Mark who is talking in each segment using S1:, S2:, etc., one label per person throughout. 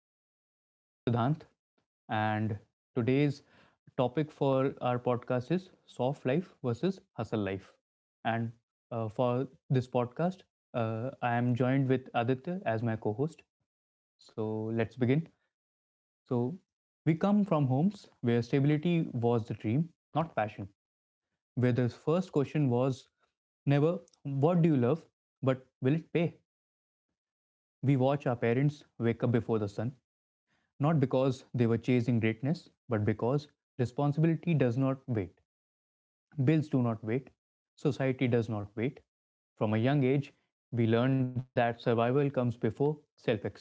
S1: This is your host, Siddhant, and today's topic for our podcast is soft life versus hustle life. And for this podcast, I am joined with Aditya as my co host. So let's begin. So, we come from homes where stability was the dream, not passion, where the first question was never, what do you love? But will it pay? We watch our parents wake up before the sun, not because they were chasing greatness, but because responsibility does not wait. Bills do not wait. Society does not wait. From a young age, we learned that survival comes before self expression.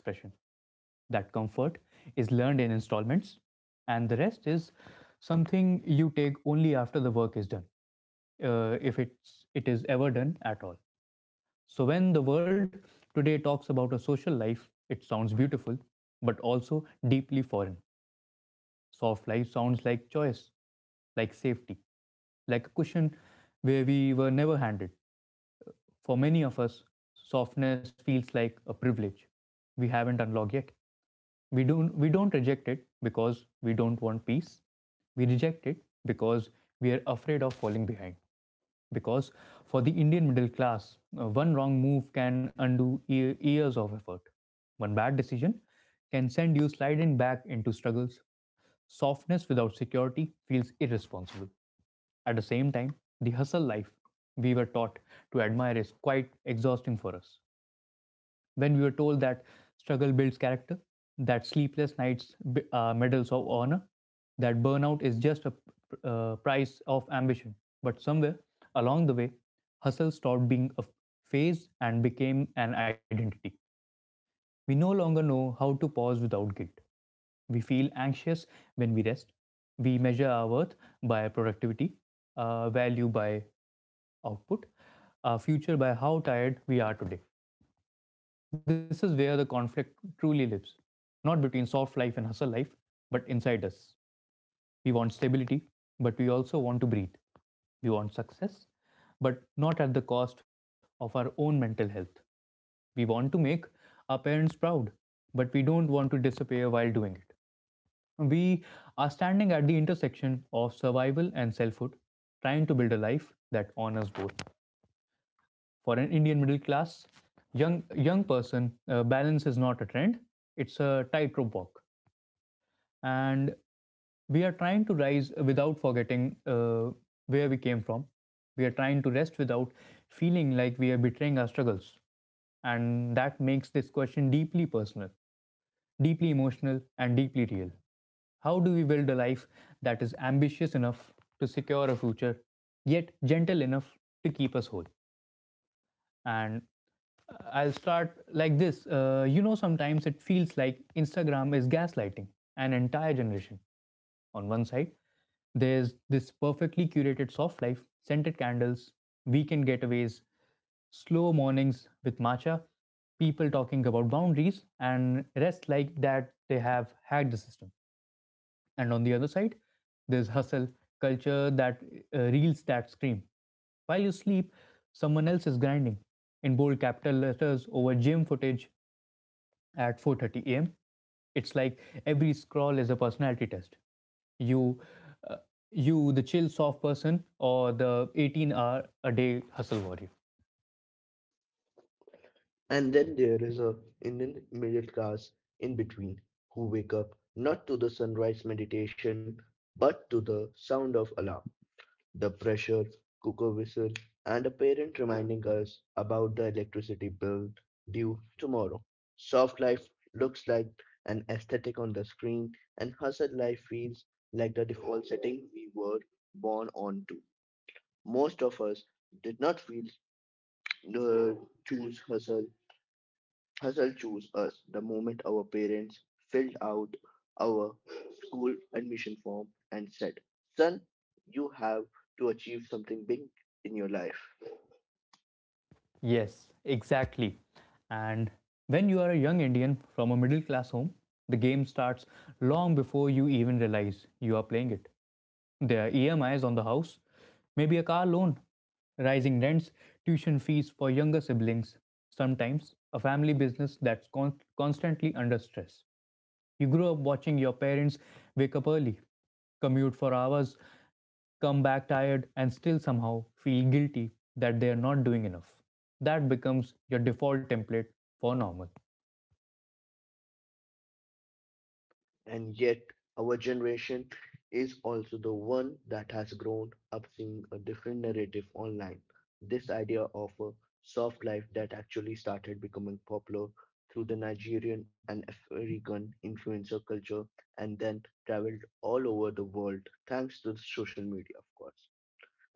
S1: That comfort is learned in installments, and the rest is something you take only after the work is done, if it's, it is ever done at all. So, when the world today talks about a social life, it sounds beautiful, but also deeply foreign. Soft life sounds like choice, like safety, like a cushion where we were never handed. For many of us, softness feels like a privilege we haven't unlocked yet. We don't reject it because we don't want peace. We reject it because we are afraid of falling behind. Because for the Indian middle class, one wrong move can undo years of effort. One bad decision can send you sliding back into struggles. Softness without security feels irresponsible. At the same time, the hustle life we were taught to admire is quite exhausting for us when we were told that struggle builds character, that sleepless nights are medals of honor, that burnout is just a price of ambition. But somewhere along the way, hustle stopped being a phase and became an identity. We no longer know how to pause without guilt. We feel anxious when we rest. We measure our worth by productivity, value by output, our future by how tired we are today. This is where the conflict truly lives, not between soft life and hustle life, but inside us. We want stability, but we also want to breathe. We want success, but not at the cost of our own mental health. We want to make our parents proud, but we don't want to disappear while doing it. We are standing at the intersection of survival and selfhood, trying to build a life that honors both for an Indian middle class young person, balance is not a trend; it's a tightrope walk, and we are trying to rise without forgetting where we came from. We are trying to rest without feeling like we are betraying our struggles, and that makes this question deeply personal, deeply emotional, and deeply real. How do we build a life that is ambitious enough to secure a future, yet gentle enough to keep us whole? And I'll start like this. Sometimes it feels like Instagram is gaslighting an entire generation. On one side, there's this perfectly curated soft life, scented candles, weekend getaways, slow mornings with matcha, people talking about boundaries, and rest like that they have hacked the system. And on the other side there's hustle culture that reels that scream while you sleep someone else is grinding in bold capital letters over gym footage at 4:30 a.m. It's like every scroll is a personality test. You, uh, you, the chill, soft person, or the 18-hour a day hustle warrior.
S2: And then there is a Indian middle class in between who wake up not to the sunrise meditation but to the sound of alarm, the pressure cooker whistle, and a parent reminding us about the electricity bill due tomorrow. Soft life looks like an aesthetic on the screen, and hustle life feels like the default setting we were born onto. Most of us did not feel uh, choose hustle. Hustle chose us the moment our parents filled out our school admission form and said, "Son, you have to achieve something big in your life."
S1: Yes, exactly. And when you are a young Indian from a middle class home, the game starts long before you even realize you are playing it. Their EMIs on the house, maybe a car loan, rising rents, tuition fees for younger siblings, sometimes a family business constantly under stress. You grew up watching your parents wake up early, commute for hours, come back tired, and still somehow feel guilty that they are not doing enough. That becomes your default template for normal.
S2: And yet, our generation is also the one that has grown up seeing a different narrative online. This idea of a soft life that actually started becoming popular through the Nigerian and African influencer culture and then traveled all over the world thanks to social media, of course.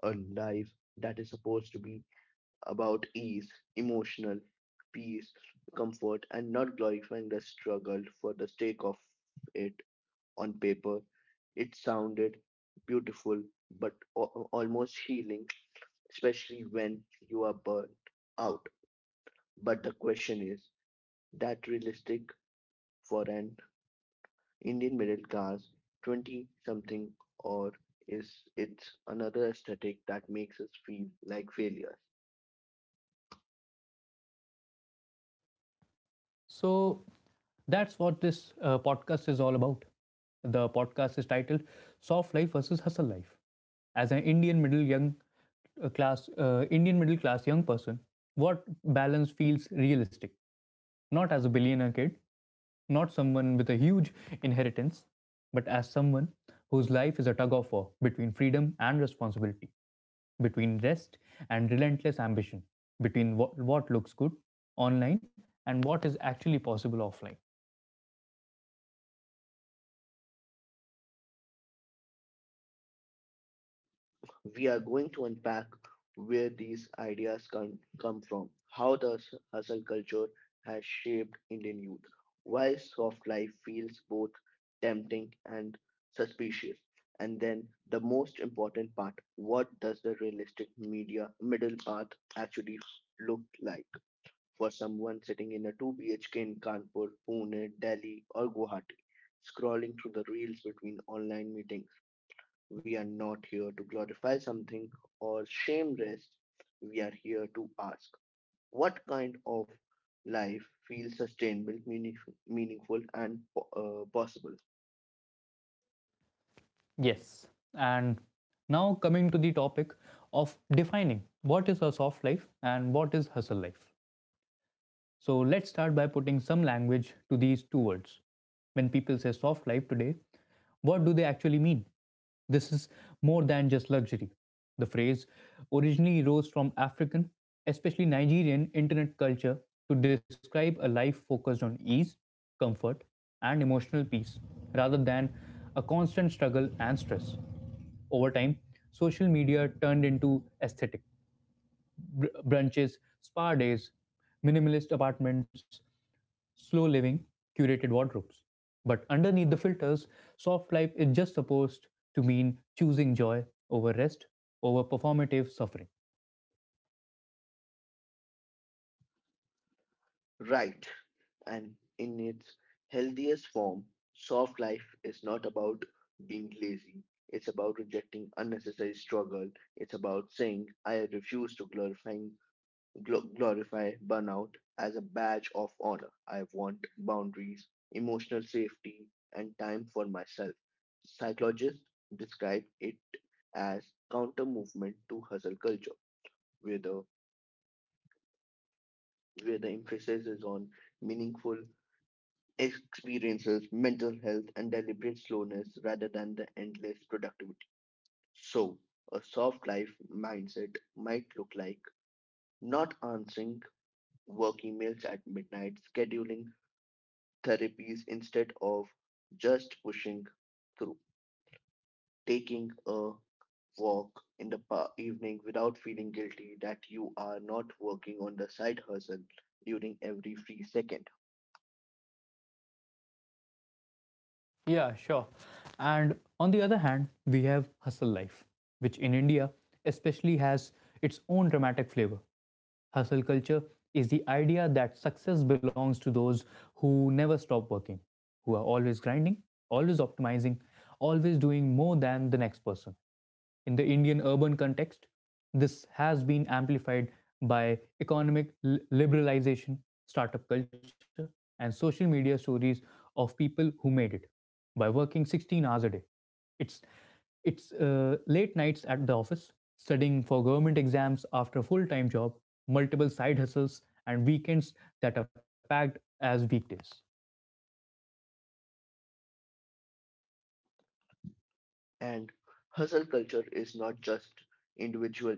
S2: A life that is supposed to be about ease, emotional peace, comfort, and not glorifying the struggle for the sake of it. On paper, it sounded beautiful but almost healing, especially when you are burnt out. But the question is, that realistic for an Indian middle class 20 something, or is it another aesthetic that makes us feel like failures?
S1: So that's what this podcast is all about. The podcast is titled Soft Life versus Hustle Life. As an Indian middle class young person, what balance feels realistic? Not as a billionaire kid, not someone with a huge inheritance, but as someone whose life is a tug of war between freedom and responsibility, between rest and relentless ambition, between what looks good online and what is actually possible offline.
S2: We are going to unpack where these ideas can come from, how the hustle culture has shaped Indian youth, why soft life feels both tempting and suspicious, and then the most important part: what does the realistic media middle path actually look like for someone sitting in a 2 BHK in Kanpur, Pune, Delhi, or Guwahati? Scrolling through the reels between online meetings, we are not here to glorify something or shame rest. We are here to ask what kind of life feels sustainable, meaningful, meaningful, and possible.
S1: Yes. And now coming to the topic of defining what is a soft life and what is hustle life. So let's start by putting some language to these two words. When people say soft life today, what do they actually mean? This is more than just luxury. The phrase originally rose from African, especially Nigerian, internet culture to describe a life focused on ease, comfort, and emotional peace rather than a constant struggle and stress. Over time, social media turned into aesthetic brunches, spa days, minimalist apartments, slow living, curated wardrobes. But underneath the filters, soft life is just supposed to mean choosing joy over rest, over performative suffering.
S2: Right. And in its healthiest form, soft life is not about being lazy. It's about rejecting unnecessary struggle. It's about saying, "I refuse to glorify glorify burnout as a badge of honor. I want boundaries, emotional safety, and time for myself." Psychologists describe it as counter movement to hustle culture, where the emphasis is on meaningful experiences, mental health, and deliberate slowness rather than the endless productivity. So, a soft life mindset might look like not answering work emails at midnight, scheduling therapies instead of just pushing through, taking a walk in the evening without feeling guilty that you are not working on the side hustle during every free second.
S1: Yeah, sure. And on the other hand, we have hustle life, which in India especially has its own dramatic flavor. Hustle culture is the idea that success belongs to those who never stop working, who are always grinding, always optimizing, always doing more than the next person. In the Indian urban context. This has been amplified by economic liberalization, startup culture, and social media stories of people who made it by working 16 hours a day. It's it's late nights at the office, studying for government exams after a full-time job, multiple side hustles, and weekends that are packed as weekdays.
S2: And hustle culture is not just individual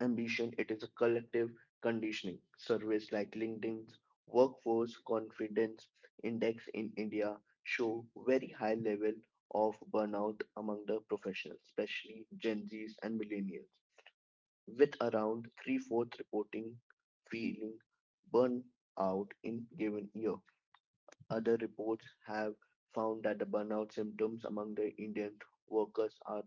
S2: ambition, it is a collective conditioning. Surveys like LinkedIn's Workforce Confidence Index in India show very high level of burnout among the professionals, especially Gen Zs and millennials, with around three-fourths reporting feeling burnt out in given year. Other reports have found that the burnout symptoms among the Indian workers are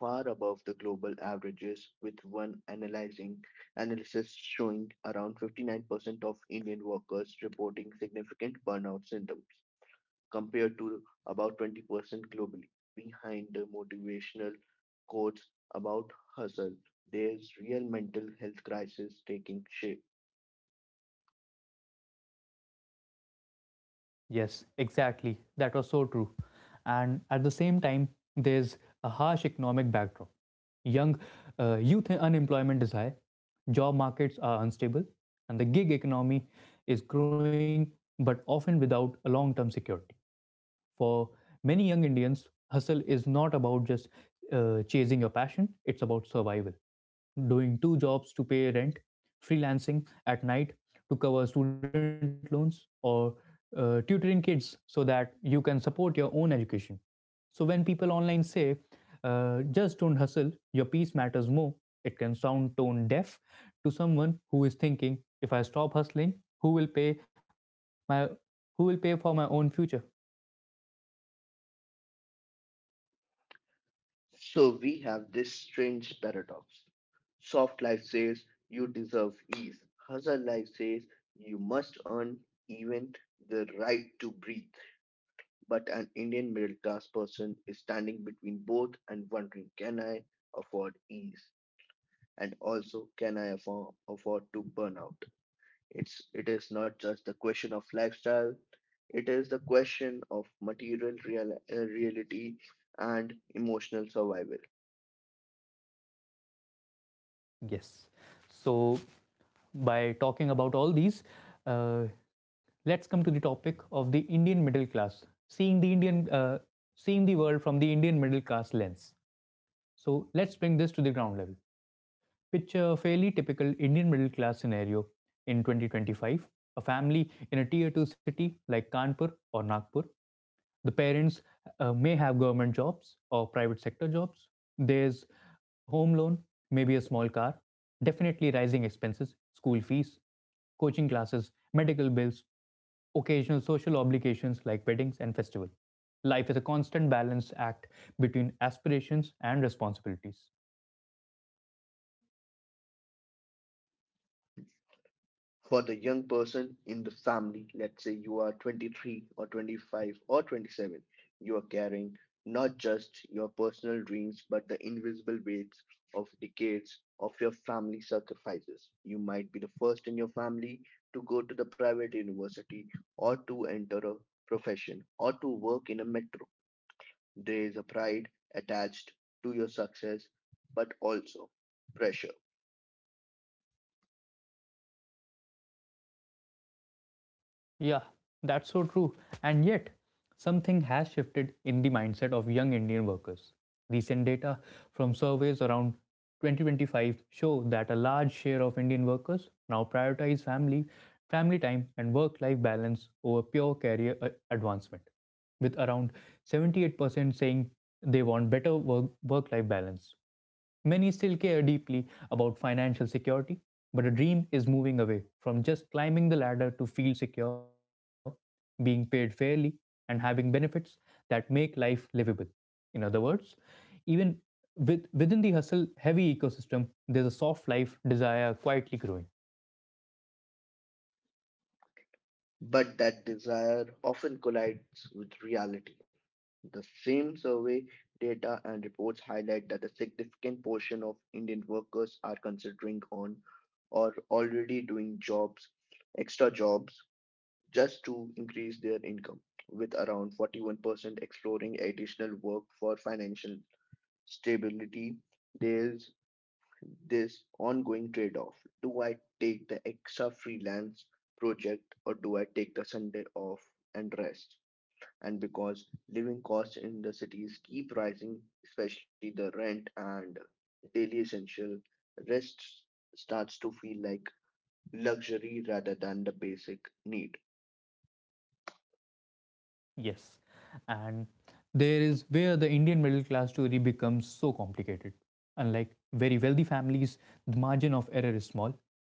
S2: far above the global averages, with one analyzing analysis showing around 59% of Indian workers reporting significant burnout symptoms, compared to about 20% globally. Behind the motivational quotes about hustle, there's real mental health crisis taking shape.
S1: Yes, exactly. That was so true. And at the same time, there's a harsh economic backdrop. Young Youth unemployment is high, job markets are unstable, and the gig economy is growing but often without a long term security. For many young Indians, hustle is not about just chasing your passion, it's about survival. Doing two jobs to pay rent, freelancing at night to cover student loans, or tutoring kids so that you can support your own education. So when people online say, just don't hustle, your peace matters more, it can sound tone deaf to someone who is thinking, if I stop hustling, who will pay for my own future?
S2: So we have this strange paradox. Soft life says you deserve ease. Hustle life says you must earn even the right to breathe. But an Indian middle class person is standing between both and wondering, can I afford ease? And also, can I afford, to burn out? It is not just the question of lifestyle, it is the question of material real, reality and emotional survival.
S1: Yes. So, by talking about all these, uh, let's come to the topic of the Indian middle class, seeing the seeing the world from the Indian middle class lens. So, let's bring this to the ground level. Picture a fairly typical Indian middle class scenario in 2025. A family in a tier 2 city like Kanpur or Nagpur, the parents may have government jobs or private sector jobs, there's home loan, maybe a small car, definitely rising expenses, school fees, coaching classes, medical bills, occasional social obligations like weddings and festival, life is a constant balance act between aspirations and responsibilities.
S2: For the young person in the family, let's say you are 23 or 25 or 27, you are carrying not just your personal dreams, but the invisible weights of decades of your family sacrifices. You might be the first in your family to go to the private university or to enter a profession or to work in a metro. There is a pride attached to your success, but also pressure.
S1: Yeah, that's so true. And yet, something has shifted in the mindset of young Indian workers. Recent data from surveys around 2025 show that a large share of Indian workers now prioritize family, family time and work-life balance over pure career advancement, with around 78% saying they want better work-life balance. Many still care deeply about financial security, but a dream is moving away from just climbing the ladder to feel secure, being paid fairly, and having benefits that make life livable. In other words, even within the hustle heavy ecosystem, there's a soft life desire quietly growing.
S2: But that desire often collides with reality. The same survey data and reports highlight that a significant portion of Indian workers are considering on or already doing jobs, extra jobs, just to increase their income, with around 41% exploring additional work for financial stability. There's this ongoing trade off. Do I take the extra freelance project or do I take the Sunday off and rest? And because living costs in the cities keep rising, especially the rent and daily essential, rest starts to feel like luxury rather than the basic need.
S1: Yes. And there is where the Indian middle class story becomes so complicated. Unlike very wealthy families, the margin of error is small.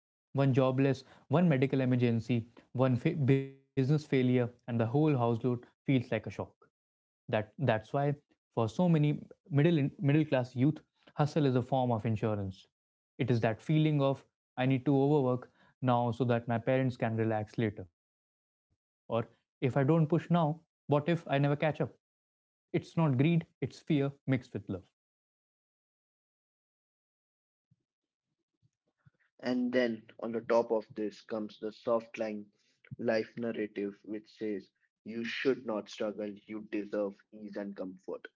S1: One jobless, one medical emergency, business failure, and the whole household feels like a shock. That's why for so many middle class youth, hustle is a form of insurance. It is that feeling of I need to overwork now so that my parents can relax later. Or if I don't push now, what if I never catch up? It's not greed, it's fear mixed with love.
S2: And then on the top of this comes the soft line life narrative, which says you should not struggle, you deserve ease and comfort.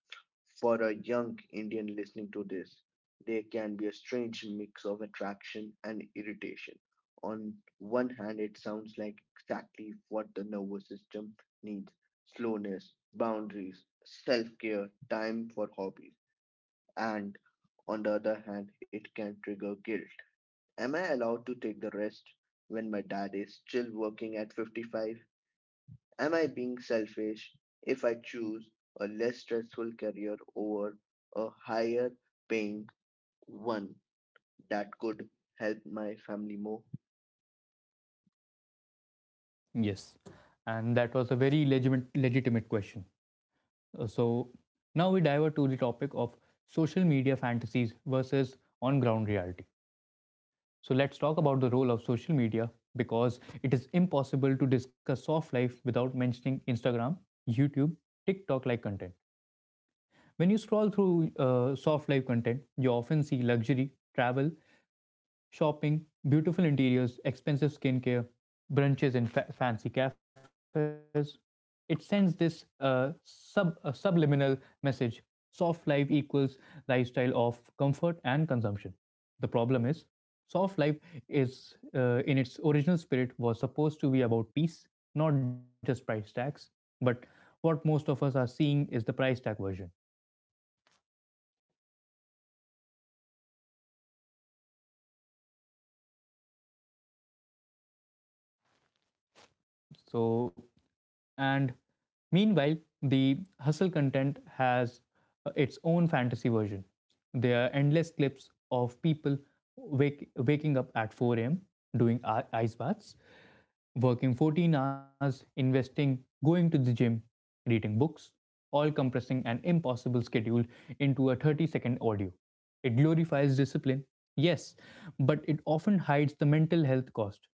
S2: For a young Indian listening to this, there can be a strange mix of attraction and irritation. On one hand, it sounds like exactly what the nervous system needs: slowness, boundaries, self care, time for hobbies. And on the other hand, it can trigger guilt. Am I allowed to take the rest when my dad is still working at 55? Am I being selfish if I choose a less stressful career over a higher paying one that could help my family more?
S1: Yes. And that was a very legitimate, legitimate question. So now we divert to the topic of social media fantasies versus on ground reality. So let's talk about the role of social media because it is impossible to discuss soft life without mentioning Instagram, YouTube, TikTok like content. When you scroll through soft life content, you often see luxury, travel, shopping, beautiful interiors, expensive skincare, brunches in fancy cafes. It sends this subliminal message: soft life equals lifestyle of comfort and consumption. The problem is, soft life is in its original spirit was supposed to be about peace, not just price tags. But what most of us are seeing is the price tag version. So, and meanwhile, the hustle content has its own fantasy version. There are endless clips of people waking up at 4 a.m., doing ice baths, working 14 hours, investing, going to the gym, reading books, all compressing an impossible schedule into a 30-second audio. It glorifies discipline, yes, but it often hides the mental health cost.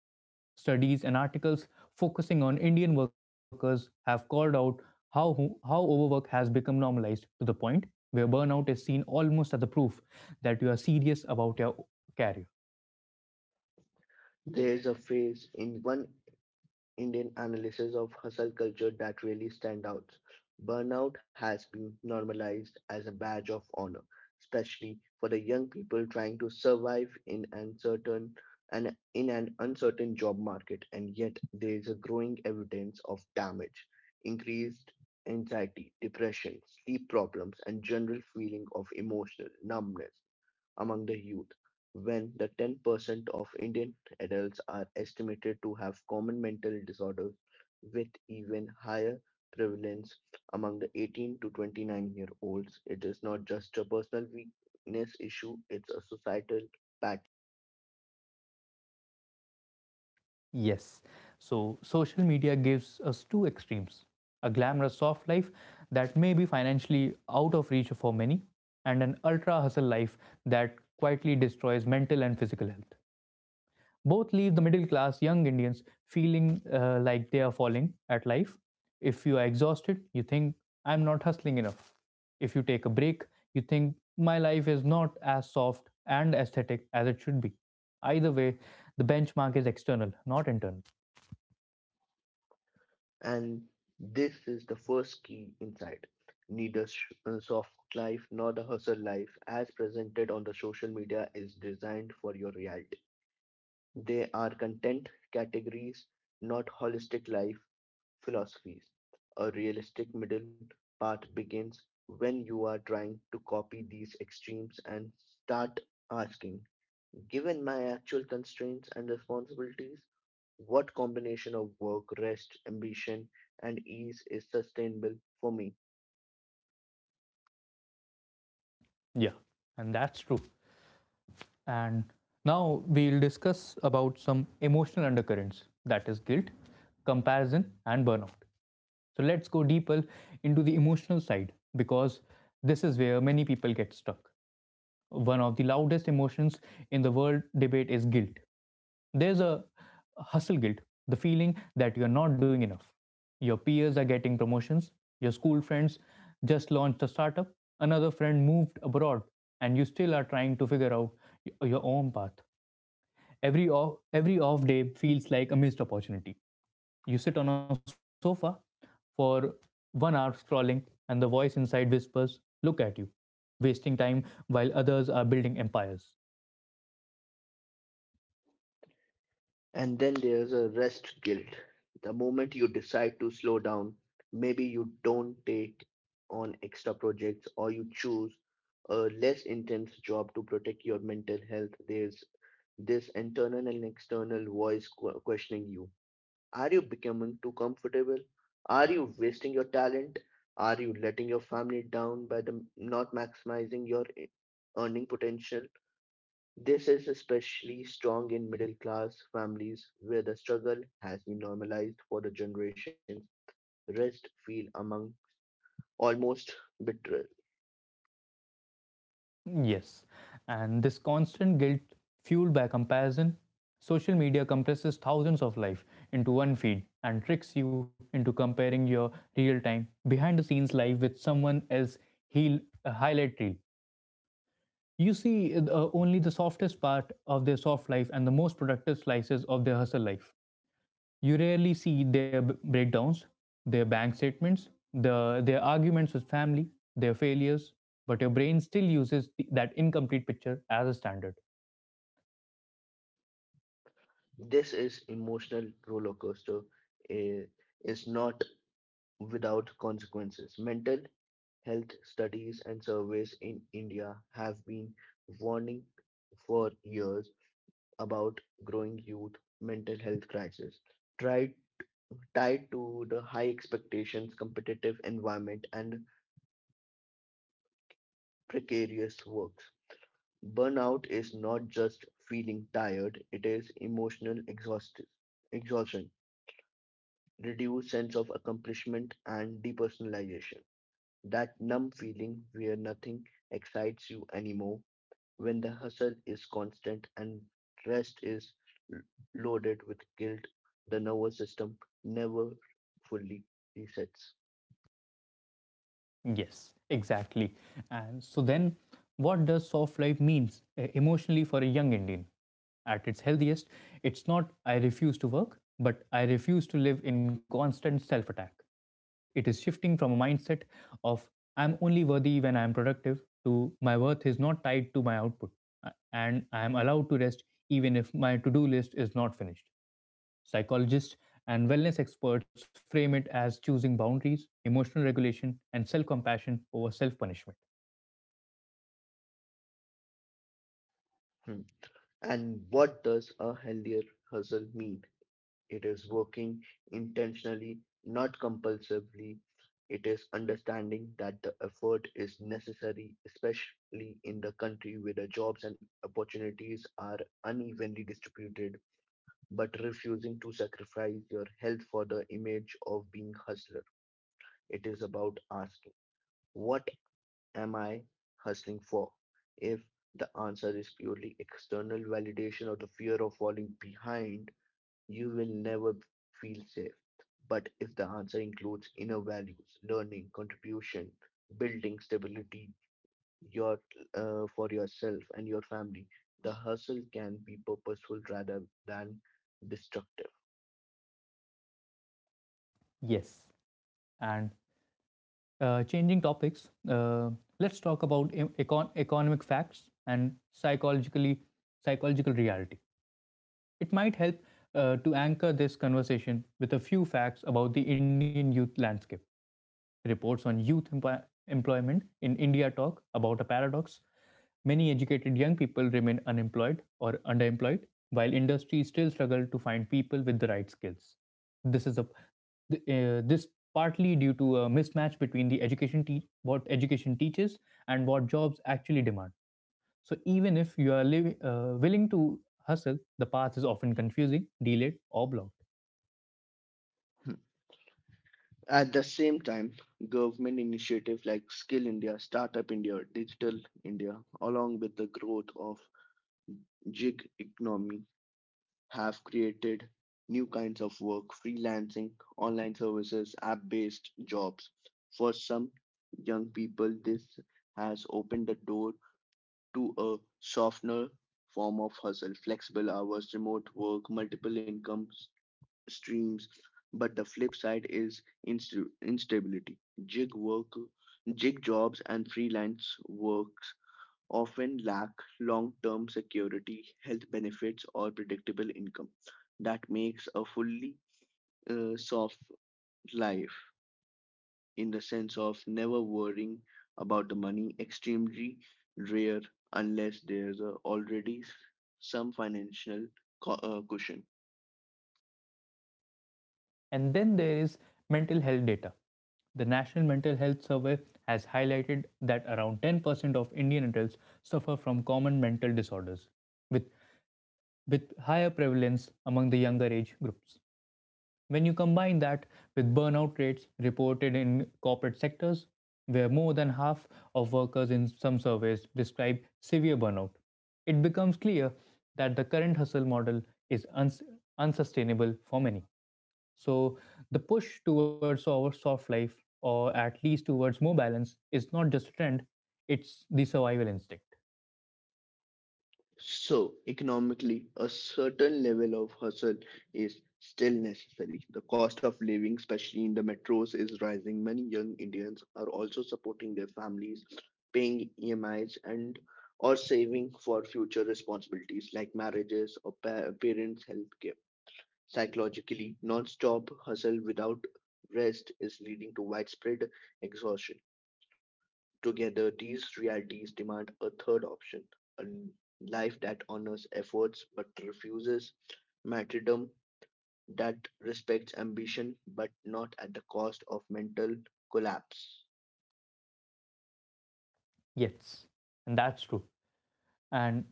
S1: Studies and articles focusing on Indian workers have called out how, how overwork has become normalized to the point where burnout is seen almost as a proof that you are serious about your career.
S2: There's a phrase in one Indian analysis of hustle culture that really stand out. Burnout has been normalized as a badge of honor, especially for the young people trying to survive in uncertain and in an uncertain job market, and yet there is a growing evidence of damage, increased anxiety, depression, sleep problems, and general feeling of emotional numbness among the youth, when the 10% of Indian adults are estimated to have common mental disorders, with even higher prevalence among the 18 to 29 year olds. It is not just a personal weakness issue, it's a societal pattern.
S1: Yes, so social media gives us two extremes, a glamorous soft life that may be financially out of reach for many, and an ultra hustle life that quietly destroys mental and physical health. Both leave the middle class young Indians feeling like they are falling at life. If you are exhausted, you think, I'm not hustling enough. If you take a break, you think, my life is not as soft and aesthetic as it should be. Either way, the benchmark is external, not internal.
S2: And this is the first key insight. Neither soft life nor the hustle life, as presented on the social media, is designed for your reality. They are content categories, not holistic life philosophies. A realistic middle path begins when you are trying to copy these extremes and start asking, given my actual constraints and responsibilities, what combination of work, rest, ambition, and ease is sustainable for me?
S1: Yeah, and that's true. And now we'll discuss about some emotional undercurrents, that is guilt, comparison and burnout. So let's go deeper into the emotional side because this is where many people get stuck. One of the loudest emotions in the world debate is guilt. There's a hustle guilt, the feeling that you're not doing enough. Your peers are getting promotions, your school friends just launched a startup, another friend moved abroad, and you still are trying to figure out your own path. Every off day feels like a missed opportunity. You sit on a sofa for 1 hour scrolling, and the voice inside whispers, look at you, wasting time while others are building empires.
S2: And then there's a rest guilt. The moment you decide to slow down, maybe you don't take on extra projects or you choose a less intense job to protect your mental health, there's this internal and external voice questioning you. Are you becoming too comfortable? Are you wasting your talent? Are you letting your family down by the not maximizing your earning potential? This is especially strong in middle class families where the struggle has been normalized for the generations. Rest feel among almost betrayal.
S1: Yes, and this constant guilt, fueled by comparison, social media compresses thousands of life into one feed and tricks you into comparing your real time, behind the scenes life with someone else's highlight reel. You see only the softest part of their soft life and the most productive slices of their hustle life. You rarely see their breakdowns, their bank statements, their arguments with family, their failures, but your brain still uses that incomplete picture as a standard.
S2: This is emotional roller coaster eh, is not without consequences. Mental health studies and surveys in India have been warning for years about growing youth mental health crisis. Tried Tied to the high expectations, competitive environment, and precarious work. Burnout is not just feeling tired, it is emotional exhaustion, reduced sense of accomplishment, and depersonalization. That numb feeling where nothing excites you anymore, when the hustle is constant and rest is l- loaded with guilt, the nervous system never fully resets.
S1: Yes, exactly. And so then, what does soft life means emotionally for a young Indian? At its healthiest, it's not I refuse to work, but I refuse to live in constant self attack. It is shifting from a mindset of I'm only worthy when I'm productive to my worth is not tied to my output and I am allowed to rest even if my to do list is not finished. Psychologists and wellness experts frame it as choosing boundaries, emotional regulation, and self compassion over self punishment.
S2: Hmm. And what does a healthier hustle mean? It is working intentionally, not compulsively. It is understanding that the effort is necessary, especially in the country where the jobs and opportunities are unevenly distributed, but refusing to sacrifice your health for the image of being hustler. It is about asking, what am I hustling for? If the answer is purely external validation or the fear of falling behind, you will never feel safe. But if the answer includes inner values, learning, contribution, building stability your for yourself and your family, the hustle can be purposeful rather than destructive.
S1: Yes. And changing topics, let's talk about economic facts and psychological reality. It might help to anchor this conversation with a few facts about the Indian youth landscape. Reports on employment in India talk about a paradox. Many educated young people remain unemployed or underemployed, while industries still struggle to find people with the right skills. This is a this partly due to a mismatch between what education teaches and what jobs actually demand. So even if you are willing to hustle, the path is often confusing, delayed, or blocked.
S2: At the same time, government initiatives like Skill India, Startup India, Digital India, along with the growth of gig economy have created new kinds of work: freelancing, online services, app based jobs. For some young people, this has opened the door to a softer form of hustle, flexible hours, remote work, multiple income streams. But the flip side is instability. Gig work, gig jobs, and freelance work often lack long-term security, health benefits, or predictable income. That makes a fully soft life, in the sense of never worrying about the money, extremely rare unless there's a already some financial cushion.
S1: And then there is mental health data. The National Mental Health Survey has highlighted that around 10% of Indian adults suffer from common mental disorders, with, with higher prevalence among the younger age groups. When you combine that with burnout rates reported in corporate sectors, where more than half of workers in some surveys describe severe burnout, it becomes clear that the current hustle model is unsustainable for many. So, the push towards our soft life, or at least towards more balance, is not just a trend, it's the survival instinct.
S2: So, economically, a certain level of hustle is still necessary. The cost of living, especially in the metros, is rising. Many young Indians are also supporting their families, paying EMIs, and or saving for future responsibilities like marriages or parents' health care. Psychologically, non-stop hustle without rest is leading to widespread exhaustion. Together, these realities demand a third option, a life that honors efforts but refuses martyrdom, that respects ambition but not at the cost of mental collapse.
S1: Yes, and that's true. And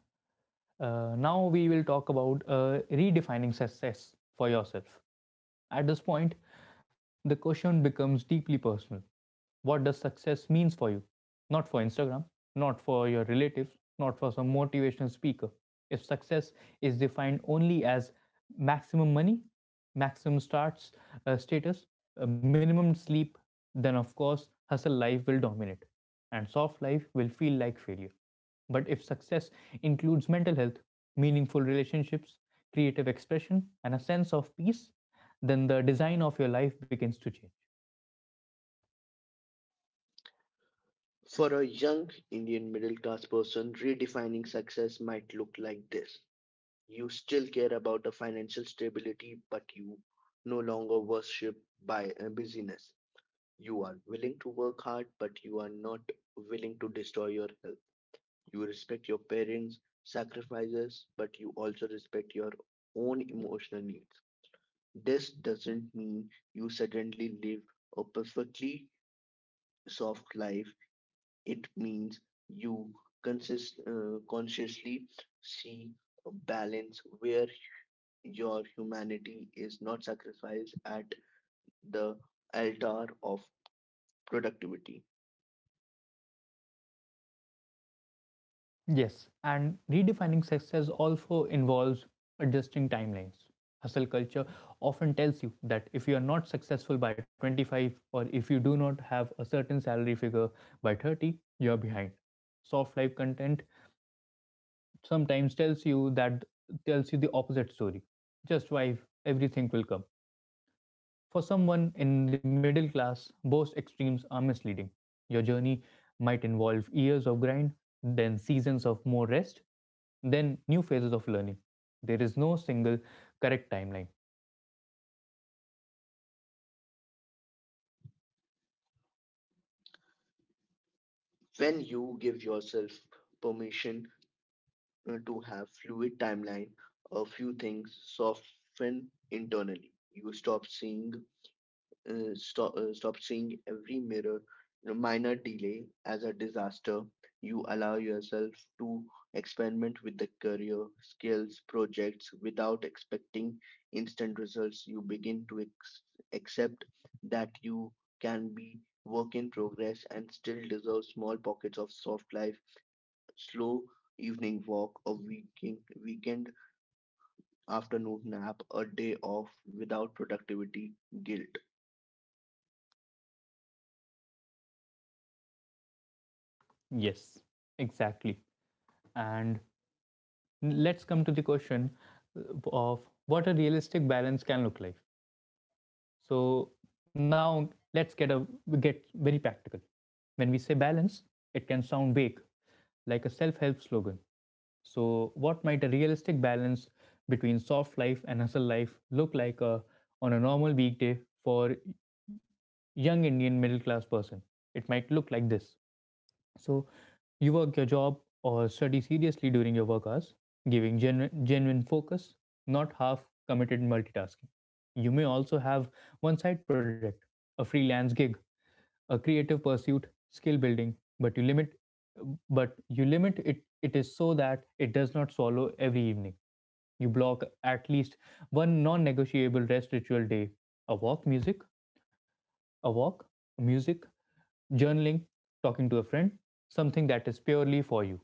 S1: now we will talk about redefining success for yourself. At this point, the question becomes deeply personal. What does success means for you? Not for Instagram, not for your relatives, not for some motivational speaker. If success is defined only as maximum money, maximum starts, status, minimum sleep, then of course hustle life will dominate and soft life will feel like failure. But if success includes mental health, meaningful relationships, creative expression and a sense of peace, then the design of your life begins to change.
S2: For a young Indian middle class person, redefining success might look like this. You still care about the financial stability, but you no longer worship by busyness. You are willing to work hard, but you are not willing to destroy your health. You respect your parents' sacrifices, but you also respect your own emotional needs. This doesn't mean you suddenly live a perfectly soft life. It means you consciously see a balance where your humanity is not sacrificed at the altar of productivity.
S1: Yes, and redefining success also involves adjusting timelines. Hustle culture often tells you that if you are not successful by 25 or if you do not have a certain salary figure by 30, you are behind. Soft life content sometimes tells you the opposite story. Just wife, everything will come. For someone in the middle class, both extremes are misleading. Your journey might involve years of grind, then seasons of more rest, then new phases of learning. There is no single correct timeline.
S2: When you give yourself permission to have fluid timeline, a few things soften internally. You stop seeing stop seeing every mirror minor delay as a disaster. You allow yourself to experiment with the career skills projects without expecting instant results. You begin to accept that you can be work in progress and still deserve small pockets of soft life: slow evening walk, a weekend weekend afternoon nap, a day off without productivity guilt.
S1: Yes, exactly. And let's come to the question uh, of what a realistic balance can look like. So now let's get a get very practical. When we say balance, it can sound vague, like a self-help slogan. So, what might a realistic balance between soft life and hustle life look like on a normal weekday for young Indian middle class person? It might look like this. So you work your job or study seriously during your work hours, giving genuine focus, not half committed multitasking. You may also have one side project, a freelance gig, a creative pursuit, skill building, but you limit it it is so that it does not swallow every evening. You block at least one non negotiable rest ritual day, a walk, music, a walk, music, journaling, talking to a friend, something that is purely for you.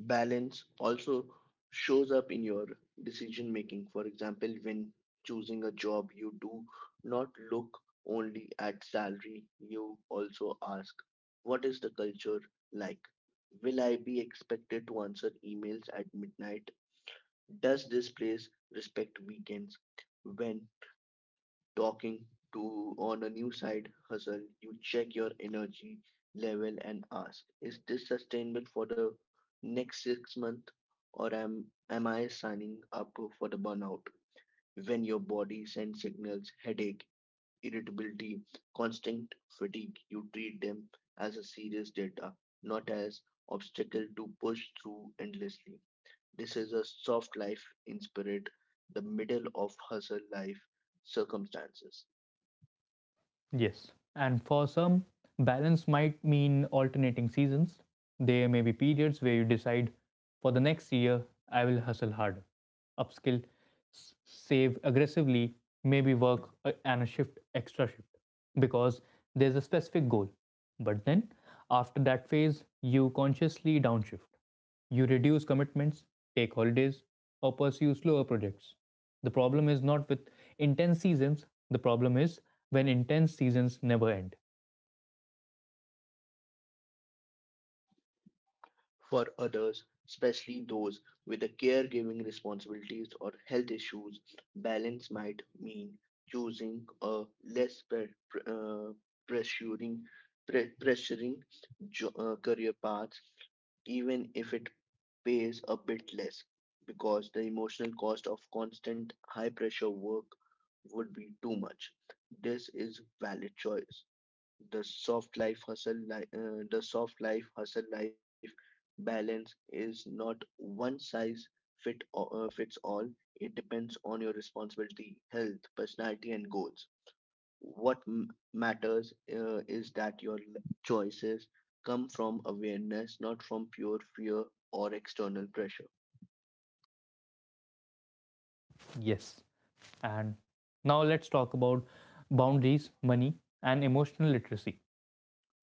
S2: Balance also shows up in your decision making. For example, when choosing a job, you do not look only at salary, you also ask, what is the culture like? Will I be expected to answer emails at midnight? Does this place respect weekends? When talking to on a new side hustle, you check your energy level and ask, is this sustainable for the next 6 months, or am I signing up for the burnout? When your body sends signals, headache, irritability, constant fatigue, you treat them as a serious data, not as obstacle to push through endlessly. This is a soft life in spirit, the middle of hustle life circumstances.
S1: Yes. And for some, balance might mean alternating seasons. There may be periods where you decide for the next year, I will hustle harder, upskill, save aggressively, maybe work extra shift, because there's a specific goal. But then, after that phase, you consciously downshift. You reduce commitments, take holidays, or pursue slower projects. The problem is not with intense seasons, the problem is when intense seasons never end.
S2: For others, especially those with the caregiving responsibilities or health issues, balance might mean choosing a less pressuring, pressuring career path even if it pays a bit less, because the emotional cost of constant high pressure work would be too much. This is valid choice. The soft life hustle life, balance is not one size fits all. It depends on your responsibility, health, personality, and goals. What matters is that your choices come from awareness, not from pure fear or external pressure.
S1: Yes. And now let's talk about boundaries, money, and emotional literacy.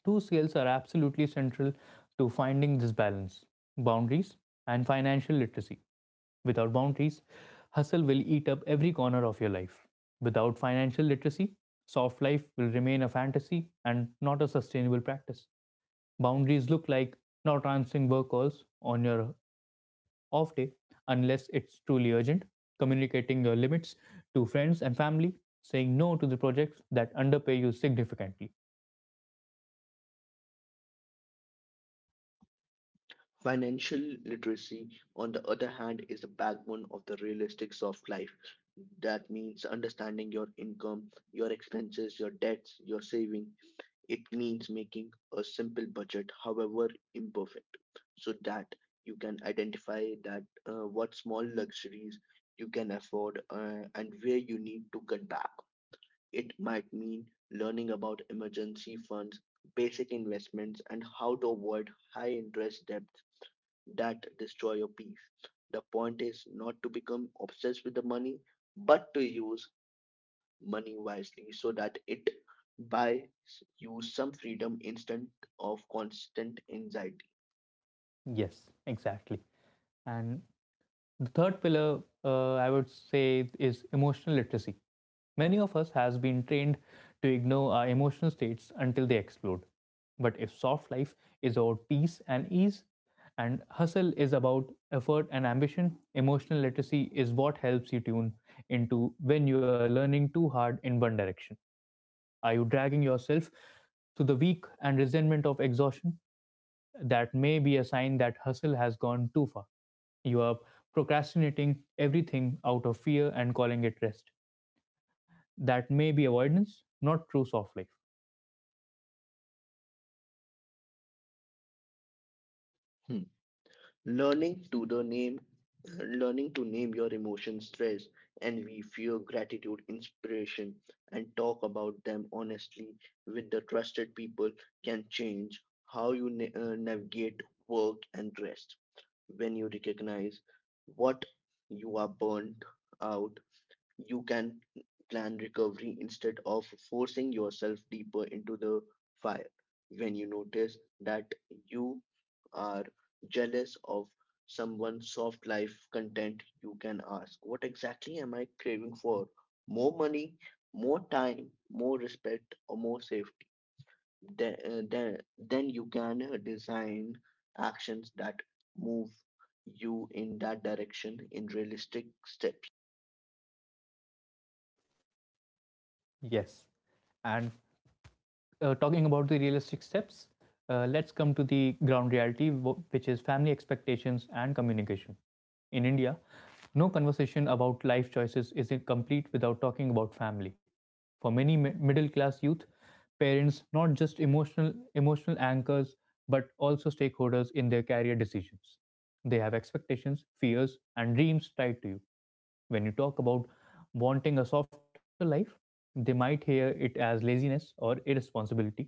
S1: Two skills are absolutely central to finding this balance, boundaries and financial literacy. Without boundaries, hustle will eat up every corner of your life. Without financial literacy, soft life will remain a fantasy and not a sustainable practice. Boundaries look like not answering work calls on your off day unless it's truly urgent, communicating your limits to friends and family, saying no to the projects that underpay you significantly.
S2: Financial literacy, on the other hand, is the backbone of the realistics of life. That means understanding your income, your expenses, your debts, your saving. It means making a simple budget, however imperfect, so that you can identify that what small luxuries you can afford, and where you need to cut back. It might mean learning about emergency funds, basic investments, and how to avoid high interest debt that destroy your peace. The point is not to become obsessed with the money, but to use money wisely so that it buys you some freedom instead of constant anxiety.
S1: Yes, exactly. And the third pillar, I would say, is emotional literacy. Many of us has been trained to ignore our emotional states until they explode. But if soft life is about peace and ease and hustle is about effort and ambition, emotional literacy is what helps you tune into when you are learning too hard in one direction. Are you dragging yourself to the weak and resentment of exhaustion? That may be a sign that hustle has gone too far. You are procrastinating everything out of fear and calling it rest. That may be avoidance, not true soft life.
S2: Hmm. Learning to the name, Learning to name your emotions, stress, envy, fear, gratitude, inspiration, and talk about them honestly with the trusted people can change how you navigate work and rest. When you recognize what you are burnt out, you can plan recovery instead of forcing yourself deeper into the fire. When you notice that you are jealous of someone's soft life content, you can ask, what exactly am I craving for? More money, more time, more respect, or more safety? Then you can design actions that move you in that direction in realistic steps.
S1: Yes. And talking about the realistic steps, let's come to the ground reality, which is family expectations and communication. In India, no conversation about life choices is complete without talking about family. For many middle class youth, parents not just emotional anchors but also stakeholders in their career decisions. They have expectations, fears, and dreams tied to you. When you talk about wanting a softer life, they might hear it as laziness or irresponsibility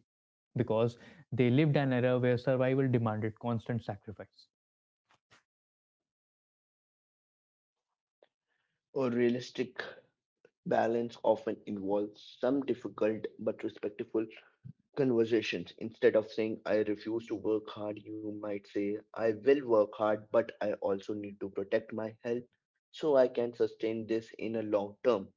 S1: because they lived an era where survival demanded constant sacrifice.
S2: A realistic balance often involves some difficult but respectful conversations. Instead of saying, I refuse to work hard, you might say, I will work hard, but I also need to protect my health so I can sustain this in a long term.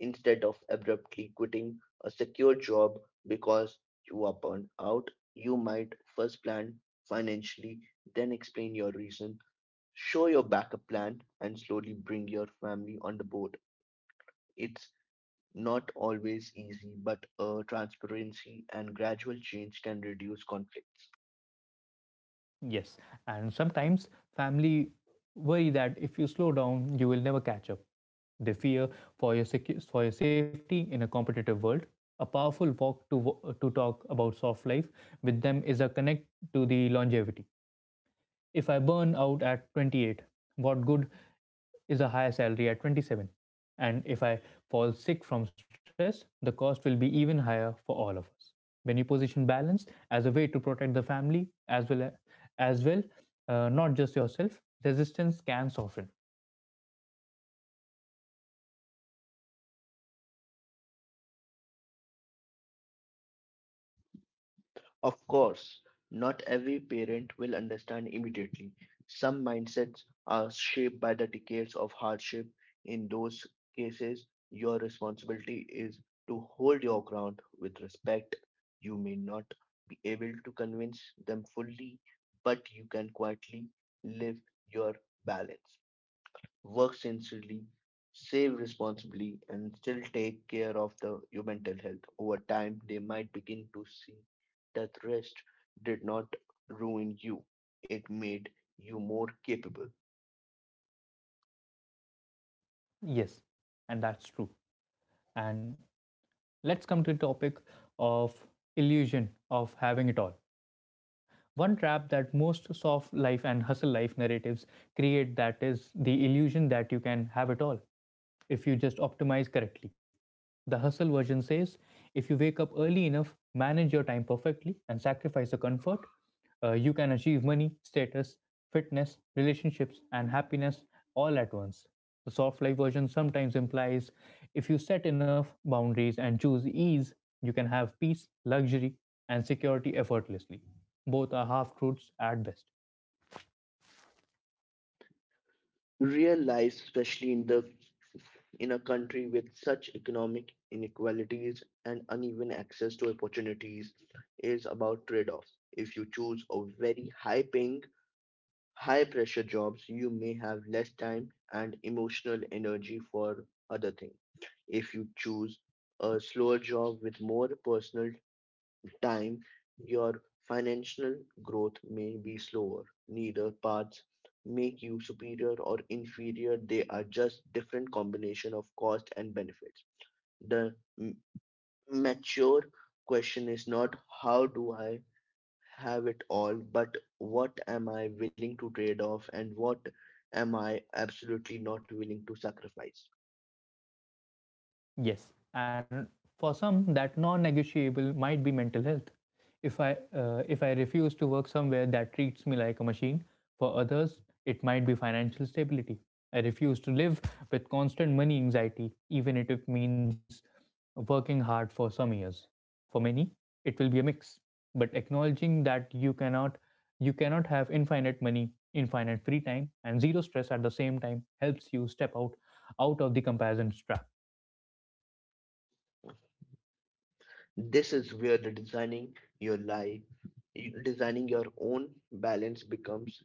S2: Instead of abruptly quitting a secure job because you are burned out, you might first plan financially, then explain your reason, show your backup plan, and slowly bring your family on the board. It's not always easy, but transparency and gradual change can reduce conflict.
S1: Yes, and sometimes family worry that if you slow down, you will never catch up. They fear for your safety in a competitive world. A powerful to talk about soft life with them is a connect to the longevity. If I burn out at 28, what good is a higher salary at 27? And if I fall sick from stress, the cost will be even higher for all of us. When you position balance as a way to protect the family as well, not just yourself, resistance can soften.
S2: Of course, not every parent will understand immediately. Some mindsets are shaped by the decades of hardship. In those cases, your responsibility is to hold your ground with respect. You may not be able to convince them fully, but you can quietly live your balance, work sincerely, save responsibly, and still take care of your mental health. Over time, they might begin to see that rest did not ruin you, it made you more capable.
S1: Yes, and that's true. And let's come to the topic of illusion of having it all. One trap that most soft life and hustle life narratives create, that is the illusion that you can have it all if you just optimize correctly. The hustle version says if you wake up early enough, manage your time perfectly, and sacrifice the comfort, you can achieve money, status, fitness, relationships, and happiness all at once. The soft life version sometimes implies if you set enough boundaries and choose ease, you can have peace, luxury, and security effortlessly. Both are half truths at best.
S2: Real life, especially in the in a country with such economic inequalities and uneven access to opportunities, is about trade-offs. If you choose a very high paying high pressure jobs, you may have less time and emotional energy for other things. If you choose a slower job with more personal time, your financial growth may be slower. Neither paths make you superior or inferior, they are just different combination of cost and benefits. The mature question is not how do I have it all, but what am I willing to trade off and what am I absolutely not willing to sacrifice?
S1: Yes, and for some, that non-negotiable might be mental health. If I refuse to work somewhere that treats me like a machine, for others it might be financial stability. I refuse to live with constant money anxiety, even if it means working hard for some years. For many, it will be a mix. But acknowledging that you cannot have infinite money, infinite free time, and zero stress at the same time helps you step out of the comparison trap.
S2: This is where the designing your life, designing your own balance becomes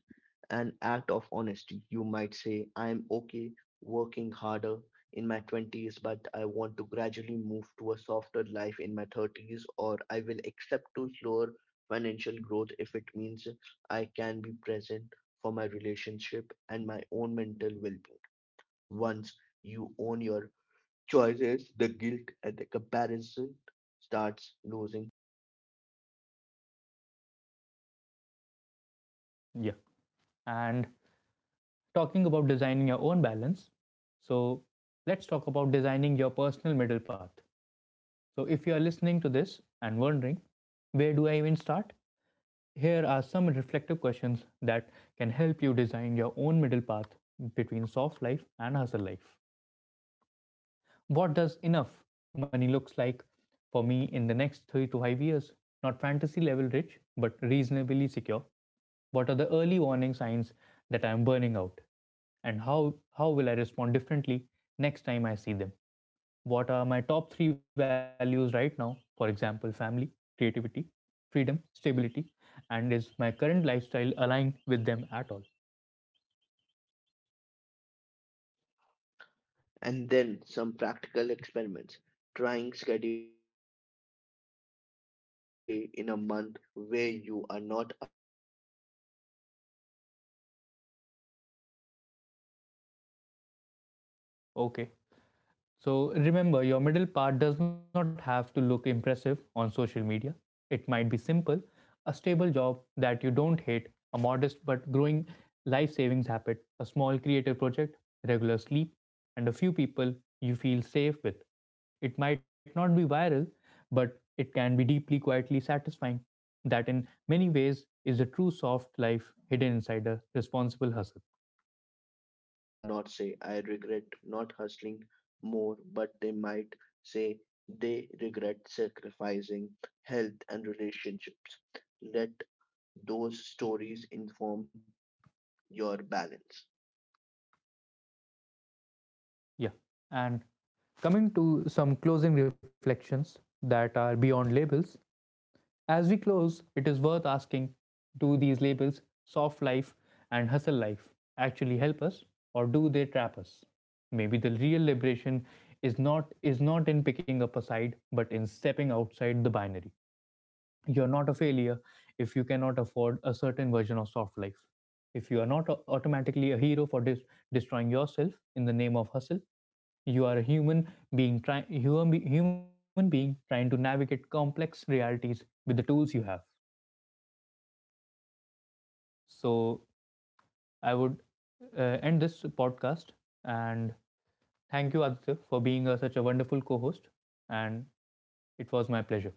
S2: an act of honesty. You might say, I'm okay working harder in my 20s, but I want to gradually move to a softer life in my 30s, or I will accept to slower financial growth if it means I can be present for my relationship and my own mental well being. Once you own your choices, the guilt and the comparison starts losing.
S1: Yeah. And talking about designing your own balance, so let's talk about designing your personal middle path. So, if you are listening to this and wondering, where do I even start? Here are some reflective questions that can help you design your own middle path between soft life and hustle life. What does enough money looks like for me in the next 3 to 5 years? Not fantasy level rich, but reasonably secure. What are the early warning signs that I am burning out? And how will I respond differently next time I see them? What are my top 3 values right now? For example, family, creativity, freedom, stability. And is my current lifestyle aligned with them at all?
S2: And then some practical experiments, trying scheduling one true rest day in a month where you are not allowed to work or guilt scroll productivity content. Notice what comes up:
S1: Okay.
S2: anxiety, relief,
S1: So remember, your
S2: ideas.
S1: middle part does not have to
S2: Choose
S1: look
S2: one
S1: impressive
S2: aspect
S1: on
S2: of
S1: social
S2: your
S1: media.
S2: work to
S1: It might
S2: hustle
S1: be
S2: on
S1: simple, a stable job
S2: intentionally,
S1: that you
S2: maybe
S1: don't
S2: learning
S1: hate, a
S2: a
S1: modest
S2: skill,
S1: but growing
S2: improving your
S1: life savings
S2: portfolio, or
S1: habit, a small
S2: networking,
S1: creative project,
S2: and one
S1: regular sleep,
S2: aspect of your
S1: and a few
S2: life
S1: people
S2: to
S1: you feel
S2: soften
S1: safe with. It
S2: intentionally,
S1: might not be
S2: maybe
S1: viral,
S2: sleep,
S1: but it can be deeply quietly
S2: relationships, or
S1: satisfying.
S2: hobbies.
S1: That in
S2: Talk to
S1: many
S2: one
S1: ways is a true
S2: older
S1: soft life
S2: person you
S1: hidden
S2: trust
S1: inside a
S2: about their
S1: responsible hustle.
S2: regrets. Many will not say, I regret not hustling more, but they might say they regret sacrificing health and relationships. Let those stories inform your balance.
S1: Yeah. And coming to some closing reflections that are beyond labels, as we close, it is worth asking, do these labels, soft life and hustle life, actually help us or do they trap us? Maybe the real liberation is not in picking up a side but in stepping outside the binary. You're not a failure if you cannot afford a certain version of soft life. If you are not automatically a hero for destroying yourself in the name of hustle, you are a human being trying to navigate complex realities with the tools you have.
S2: And if your
S1: So
S2: l-
S1: I would
S2: life right now
S1: end this
S2: is
S1: podcast
S2: an
S1: and
S2: extreme,
S1: thank you
S2: either
S1: Aditya for being such a wonderful co-host, and it was my pleasure.